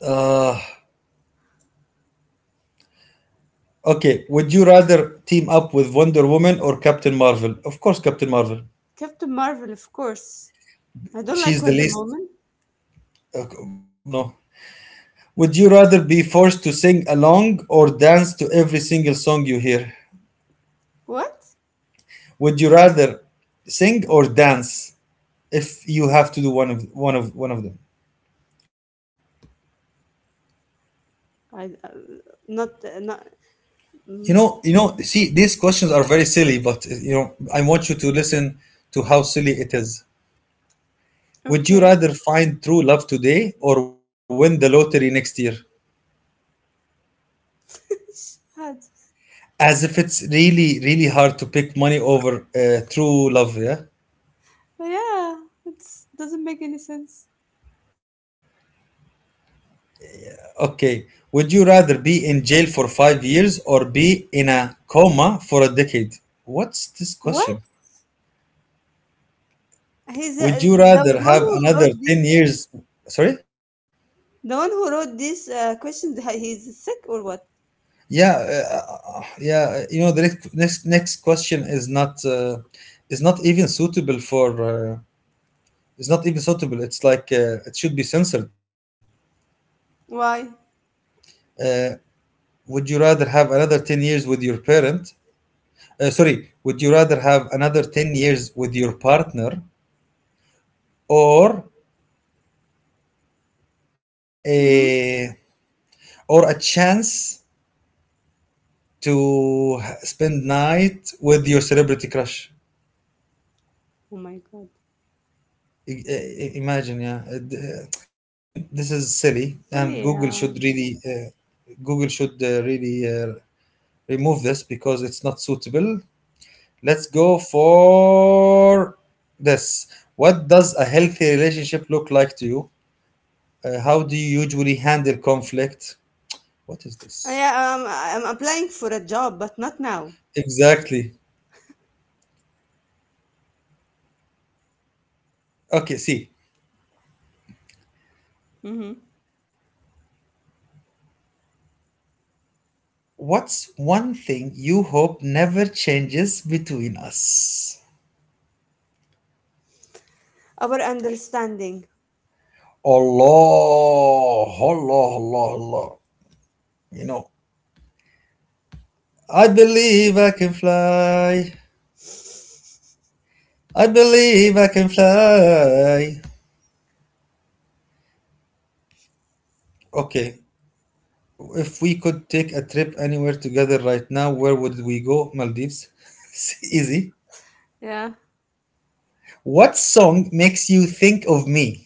Speaker 1: Uh, okay. Would you rather team up with Wonder Woman or Captain Marvel? Of course, Captain Marvel.
Speaker 2: Captain Marvel, of course. I don't like
Speaker 1: She's the
Speaker 2: Wonder
Speaker 1: least.
Speaker 2: Woman.
Speaker 1: I don't know. Would you rather be forced to sing along or dance to every single song you hear?
Speaker 2: What?
Speaker 1: Would you rather sing or dance if you have to do one of them?
Speaker 2: I not not. Mm,
Speaker 1: You know, see, these questions are very silly, but I want you to listen to how silly it is. Would you
Speaker 2: okay.
Speaker 1: rather find true love today or win the lottery next year?
Speaker 2: <laughs> Shit.
Speaker 1: As if it's really, really hard to pick money over true love, yeah?
Speaker 2: But yeah, it doesn't make any sense.
Speaker 1: Okay. Would you rather be in jail for 5 years or be in a coma for a decade? What's this question?
Speaker 2: What? He's
Speaker 1: Would you rather
Speaker 2: the one
Speaker 1: have
Speaker 2: who
Speaker 1: another
Speaker 2: wrote
Speaker 1: 10
Speaker 2: this.
Speaker 1: years? Sorry?
Speaker 2: The one who wrote this question. He's sick or what?
Speaker 1: Yeah, yeah. You know, the next question is not even suitable for. Uh, it's not even suitable. It's like it should be censored. Imagine.
Speaker 2: Why?
Speaker 1: Uh, would you rather have another 10 years with your parent? Sorry. Would you rather have another 10 years with your partner or
Speaker 2: Mm-hmm.
Speaker 1: a a chance to spend night with your celebrity crush.
Speaker 2: Oh my god.
Speaker 1: Imagine, yeah. I mean, this is silly, and
Speaker 2: Really? Yeah.
Speaker 1: Google should really remove this because it's not suitable. Let's go for this. What does a healthy relationship look like to you? How do you usually handle conflict? What is this?
Speaker 2: Yeah, I'm applying for a job, but not now.
Speaker 1: Exactly. Okay, see.
Speaker 2: Hmm.
Speaker 1: What's one thing you hope never changes between us?
Speaker 2: Our understanding.
Speaker 1: Allah, Allah, Allah, Allah. You know, I believe I can fly. I believe I can fly. Okay, if we could take a trip anywhere together right now, where would we go? Maldives. <laughs> It's easy.
Speaker 2: Yeah.
Speaker 1: What song makes you think of me?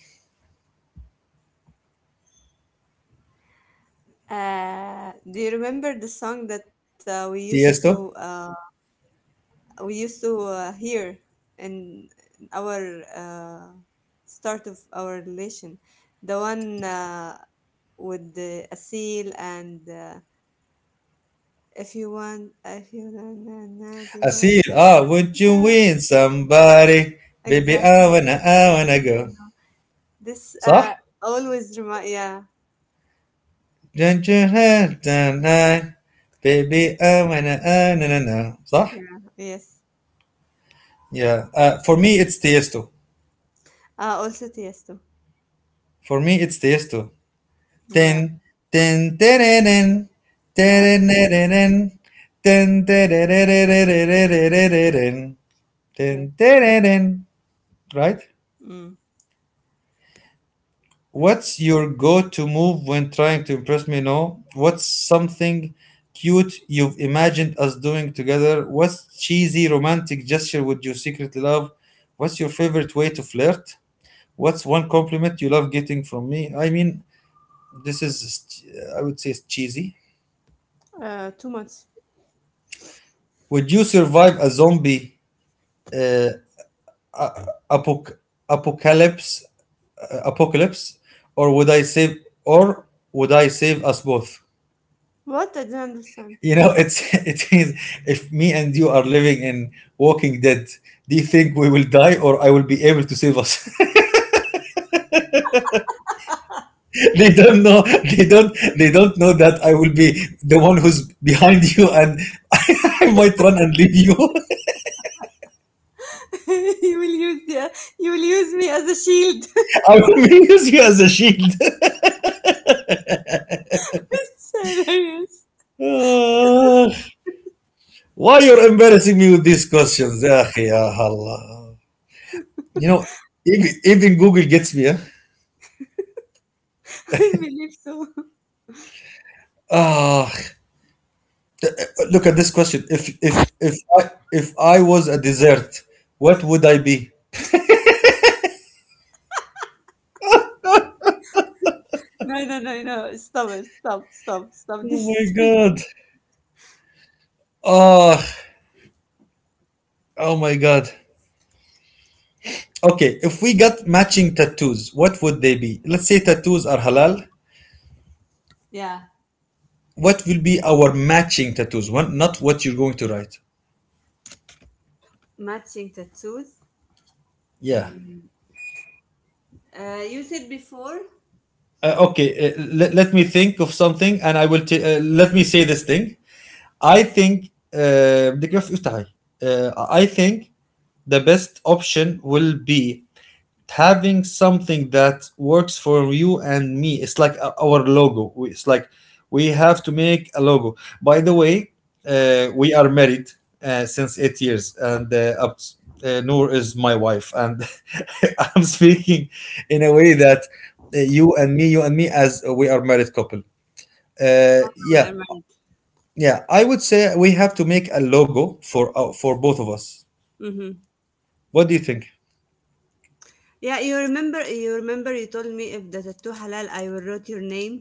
Speaker 2: Do you remember the song that
Speaker 1: Tiesto?
Speaker 2: we used to hear in our start of our relation? The one with the Asil and if you want, do you want?
Speaker 1: Asir, ah, would you win somebody? Baby,
Speaker 2: Exactly.
Speaker 1: I wanna go.
Speaker 2: This
Speaker 1: Sah,
Speaker 2: always remind. Yeah,
Speaker 1: don't you hurt tonight, baby? I wanna, ah, no, no, no. Sah,
Speaker 2: yeah, yes.
Speaker 1: yeah. Ah, for me, it's TS2.
Speaker 2: Ah, also Tiesto.
Speaker 1: For me, it's TS2.
Speaker 2: Yeah.
Speaker 1: Ten, ten, ten, ten,
Speaker 2: Uh,
Speaker 1: ten, ten, ten, ten, ten, ten, ten,
Speaker 2: yeah.
Speaker 1: ten, ten, right?
Speaker 2: Mm.
Speaker 1: What's your go-to move when trying to impress me? No. What's something cute you've imagined us doing together? What's cheesy romantic gesture would you secretly love? What's your favorite way to flirt? What's one compliment you love getting from me? I mean, this is I would say it's cheesy.
Speaker 2: Too much.
Speaker 1: Would you survive a zombie uh, apoc- apocalypse apocalypse or would I save us both?
Speaker 2: What? I didn't understand.
Speaker 1: You know, it's <laughs> it means if me and you are living in Walking Dead, do you think we will die or I will be able to save us? <laughs> They don't know. They don't. They don't know that I will be the one who's behind you, and <laughs> I might run and leave you. <laughs>
Speaker 2: <laughs> you will use the, you will use me as a shield. <laughs>
Speaker 1: I will <laughs> use you as a shield. <laughs>
Speaker 2: So hilarious.
Speaker 1: Ah, why you're embarrassing me with these questions? Ah, yeah, Allah. You know, even Google gets me. Ah,
Speaker 2: I believe so.
Speaker 1: ah, look at this question. If I was a dessert, what would I be?
Speaker 2: No, no, no, no. Stop it. Stop, stop, stop
Speaker 1: Oh my
Speaker 2: this.
Speaker 1: god. Oh, oh my god. Okay, if we got matching tattoos, what would they be? Let's say tattoos are halal.
Speaker 2: <laughs> Yeah.
Speaker 1: What will be our matching tattoos? One, not what you're going to write.
Speaker 2: Matching tattoos.
Speaker 1: Yeah.
Speaker 2: Mm. You said before
Speaker 1: Okay. Let me think of something, and I will. Let me say this thing. I think بدك إياه في- افتحي. I think the best option will be having something that works for you and me, it's like our logo. It's like we have to make a logo, by the way. We are married since 8 years and Noor is my wife, and <laughs> I'm speaking in a way that you and me as we are married couple,
Speaker 2: we are
Speaker 1: yeah.
Speaker 2: married.
Speaker 1: Yeah, I would say we have to make a logo for both of us.
Speaker 2: Mm-hmm.
Speaker 1: What do you think?
Speaker 2: Yeah, you remember? You remember? You told me if the tattoo halal, I will write your name.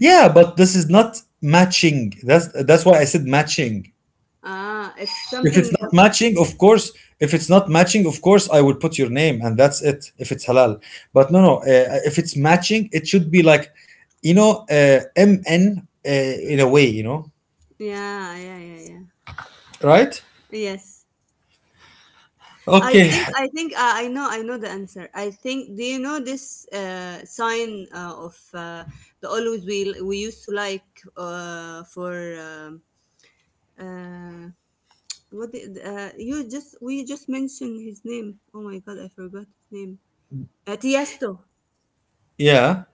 Speaker 1: Yeah, but this is not matching. That's why I said matching.
Speaker 2: Ah, it's
Speaker 1: If it's
Speaker 2: something.
Speaker 1: not matching, of course, if it's not matching, of course, I would put your name and that's it. If it's halal, but no, no. If it's matching, it should be like, you know, MN in a way, you know,
Speaker 2: Yeah, yeah, yeah, yeah.
Speaker 1: right?
Speaker 2: Yes.
Speaker 1: Okay,
Speaker 2: I know the answer. I think, do you know this sign of the always we used to like for uh, what did, you just we just mentioned his name. Oh my god, I forgot his name. Tiesto.
Speaker 1: yeah.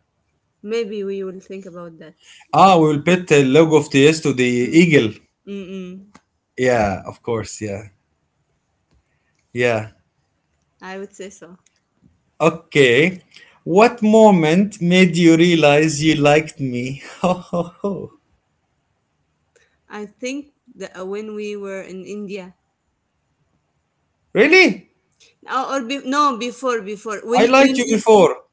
Speaker 2: Maybe we will think about that.
Speaker 1: Ah, we will put the logo of TS to the eagle.
Speaker 2: Mm-mm.
Speaker 1: Yeah, of course, yeah, yeah.
Speaker 2: I would say so.
Speaker 1: Okay. What moment made you realize you liked me? <laughs> Ho ho ho.
Speaker 2: I think that when we were in India,
Speaker 1: Really?
Speaker 2: or be, no, before, before when
Speaker 1: I liked you
Speaker 2: you...
Speaker 1: before.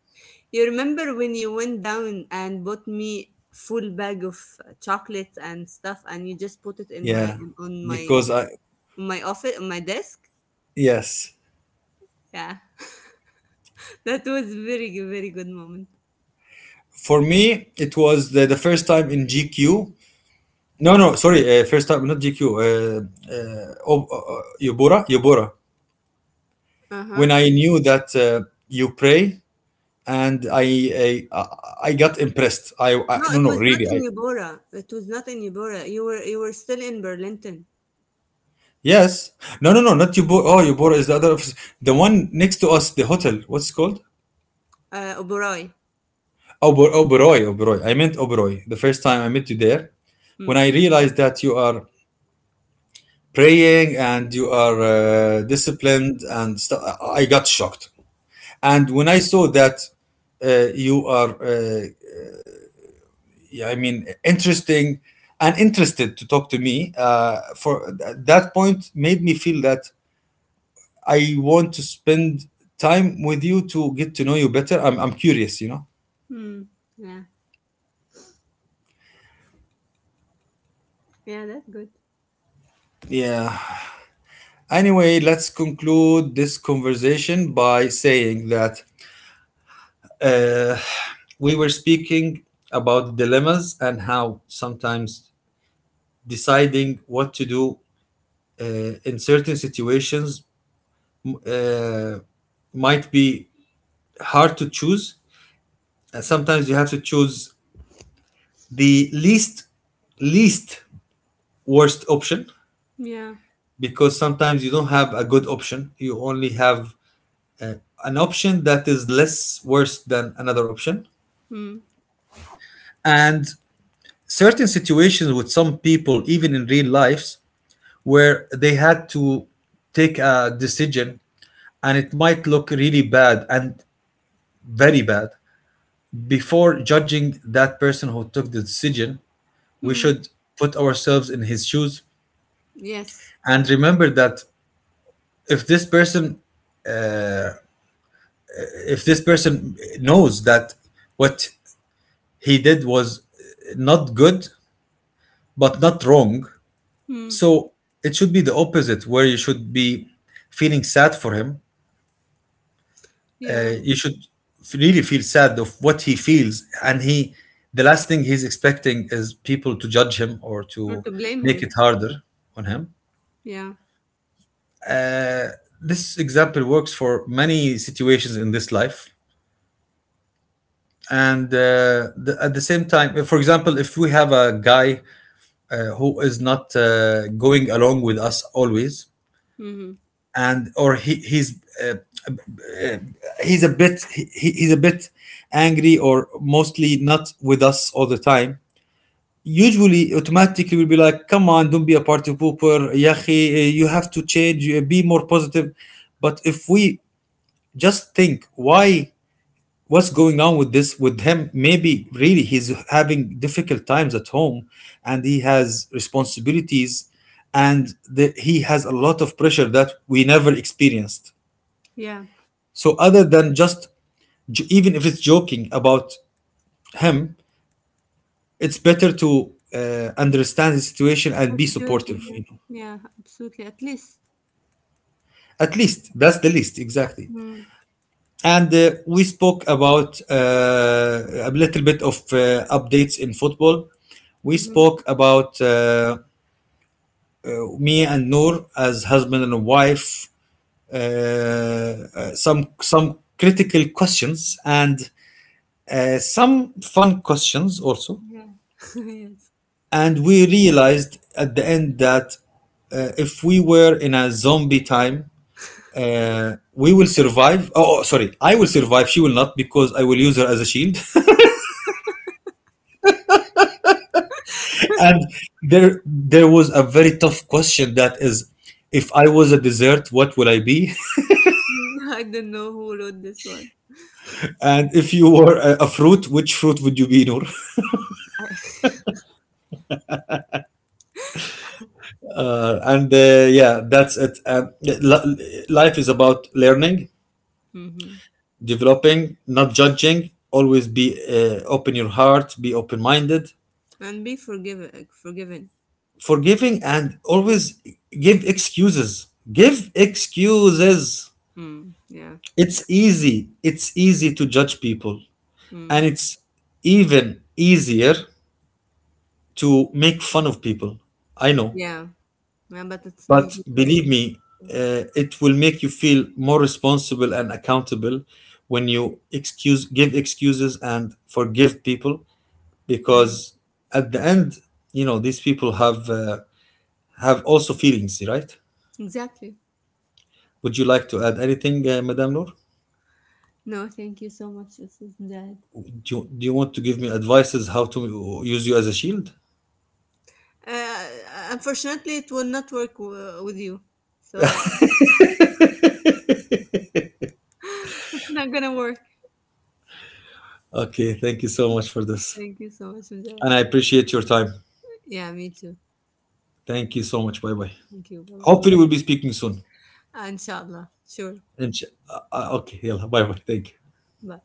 Speaker 2: You remember when you went down and bought me full bag of chocolates and stuff and you just put it in my
Speaker 1: Yeah, because I,
Speaker 2: on my office on my desk?
Speaker 1: yes.
Speaker 2: Yeah. <laughs> That was very good, very good moment.
Speaker 1: For me, it was the first time in GQ. No, no, sorry, first time, not GQ, Yubora, Yubora. When
Speaker 2: Uh-huh.
Speaker 1: I knew that you pray and I got impressed.
Speaker 2: No,
Speaker 1: No,
Speaker 2: it
Speaker 1: no,
Speaker 2: was not
Speaker 1: really.
Speaker 2: in Eubora. It was not in Eubora. You were, you were still in Burlington.
Speaker 1: Yes. No, no, no, not Yubora. Oh, Yubora is the other office. The one next to us, the hotel. What's it called?
Speaker 2: Uh, Oboroi.
Speaker 1: Oberoi, Oberoi. I meant Oberoi the first time I met you there.
Speaker 2: Hmm.
Speaker 1: When I realized that you are praying and you are disciplined and stuff, I got shocked. And when I saw that you are, yeah, I mean, interesting and interested to talk to me, for at that point made me feel that I want to spend time with you to get to know you better. I'm curious, you know.
Speaker 2: Hmm. Yeah. Yeah, that's good.
Speaker 1: Yeah. Anyway, let's conclude this conversation by saying that uh, we were speaking about dilemmas and how sometimes deciding what to do in certain situations uh, might be hard to choose. And sometimes you have to choose the least worst option,
Speaker 2: Yeah.
Speaker 1: because sometimes you don't have a good option. You only have an option that is less worse than another option.
Speaker 2: Hmm.
Speaker 1: And certain situations with some people, even in real lives, where they had to take a decision and it might look really bad and very bad. Before judging that person who took the decision, we
Speaker 2: Hmm.
Speaker 1: should put ourselves in his shoes
Speaker 2: Yes.
Speaker 1: and remember that if this person if this person knows that what he did was not good but not wrong,
Speaker 2: Hmm.
Speaker 1: so it should be the opposite where you should be feeling sad for him.
Speaker 2: Yeah.
Speaker 1: You should really feel sad of what he feels, and he the last thing he's expecting is people to judge him or
Speaker 2: Or
Speaker 1: to
Speaker 2: to blame
Speaker 1: make
Speaker 2: him.
Speaker 1: it harder on him.
Speaker 2: Yeah.
Speaker 1: uh, this example works for many situations in this life, and at the same time, for example, if we have a guy who is not going along with us always,
Speaker 2: Mm-hmm.
Speaker 1: and or he's uh, he's a bit angry or mostly not with us all the time. Usually automatically we'll be like, come on, don't be a party pooper yahi, you have to change, be more positive. But if we just think why, what's going on with this with him, maybe really he's having difficult times at home and he has responsibilities and he has a lot of pressure that we never experienced.
Speaker 2: Yeah.
Speaker 1: So other than just, even if it's joking about him, it's better to understand the situation and be
Speaker 2: Consideration,
Speaker 1: supportive.
Speaker 2: yeah.
Speaker 1: You know,
Speaker 2: Yeah, absolutely. At least.
Speaker 1: at least that's the least, exactly.
Speaker 2: Mm.
Speaker 1: And we spoke about a little bit of updates in football. We
Speaker 2: Mm-hmm.
Speaker 1: spoke about me and Noor as husband and wife. Some critical questions and some fun questions also.
Speaker 2: Yeah. <laughs> Yes.
Speaker 1: And we realized at the end that if we were in a zombie time, we will survive. Oh, oh, sorry, I will survive, she will not, because I will use her as a shield. <laughs> And there was a very tough question, that is, if I was a dessert, what would I be?
Speaker 2: <laughs> I don't know who wrote this one.
Speaker 1: <laughs> And if you were a fruit, which fruit would you be, Noor?
Speaker 2: I-
Speaker 1: <laughs> And yeah, that's it. Life is about learning,
Speaker 2: <laughs> mm-hmm.
Speaker 1: developing, not judging. Always be open your heart, be open minded,
Speaker 2: And be forgiven. Like, forgiven.
Speaker 1: forgiving, and always give excuses. Give excuses.
Speaker 2: Mm. Yeah. That-
Speaker 1: It's easy. It's easy to judge people, and
Speaker 2: Mm.
Speaker 1: it's even easier to make fun of people. I know,
Speaker 2: Yeah, yeah. But it's not
Speaker 1: but
Speaker 2: good to make
Speaker 1: believe me,
Speaker 2: fun of.
Speaker 1: it will make you feel more responsible and accountable when you excuse, give excuses, and forgive people,
Speaker 2: Mm-hmm.
Speaker 1: because at the end, you know, these people have also feelings, right?
Speaker 2: Exactly.
Speaker 1: Would you like to add anything, Madame Noor?
Speaker 2: No, thank you so much. This is that.
Speaker 1: Do you want to give me advices how to use you as a shield?
Speaker 2: Uh, Unfortunately, it will not work with you. So uh, <laughs> it's not gonna work.
Speaker 1: Okay, thank you so much for this.
Speaker 2: Thank you so much, Mujahid.
Speaker 1: And I appreciate your time.
Speaker 2: Yeah, me too.
Speaker 1: Thank you so much. Bye bye.
Speaker 2: Thank you. Bye
Speaker 1: Hopefully,
Speaker 2: bye.
Speaker 1: we'll be speaking soon.
Speaker 2: آه إن شاء الله sure.
Speaker 1: And okay, bye bye. Thank you.
Speaker 2: Bye.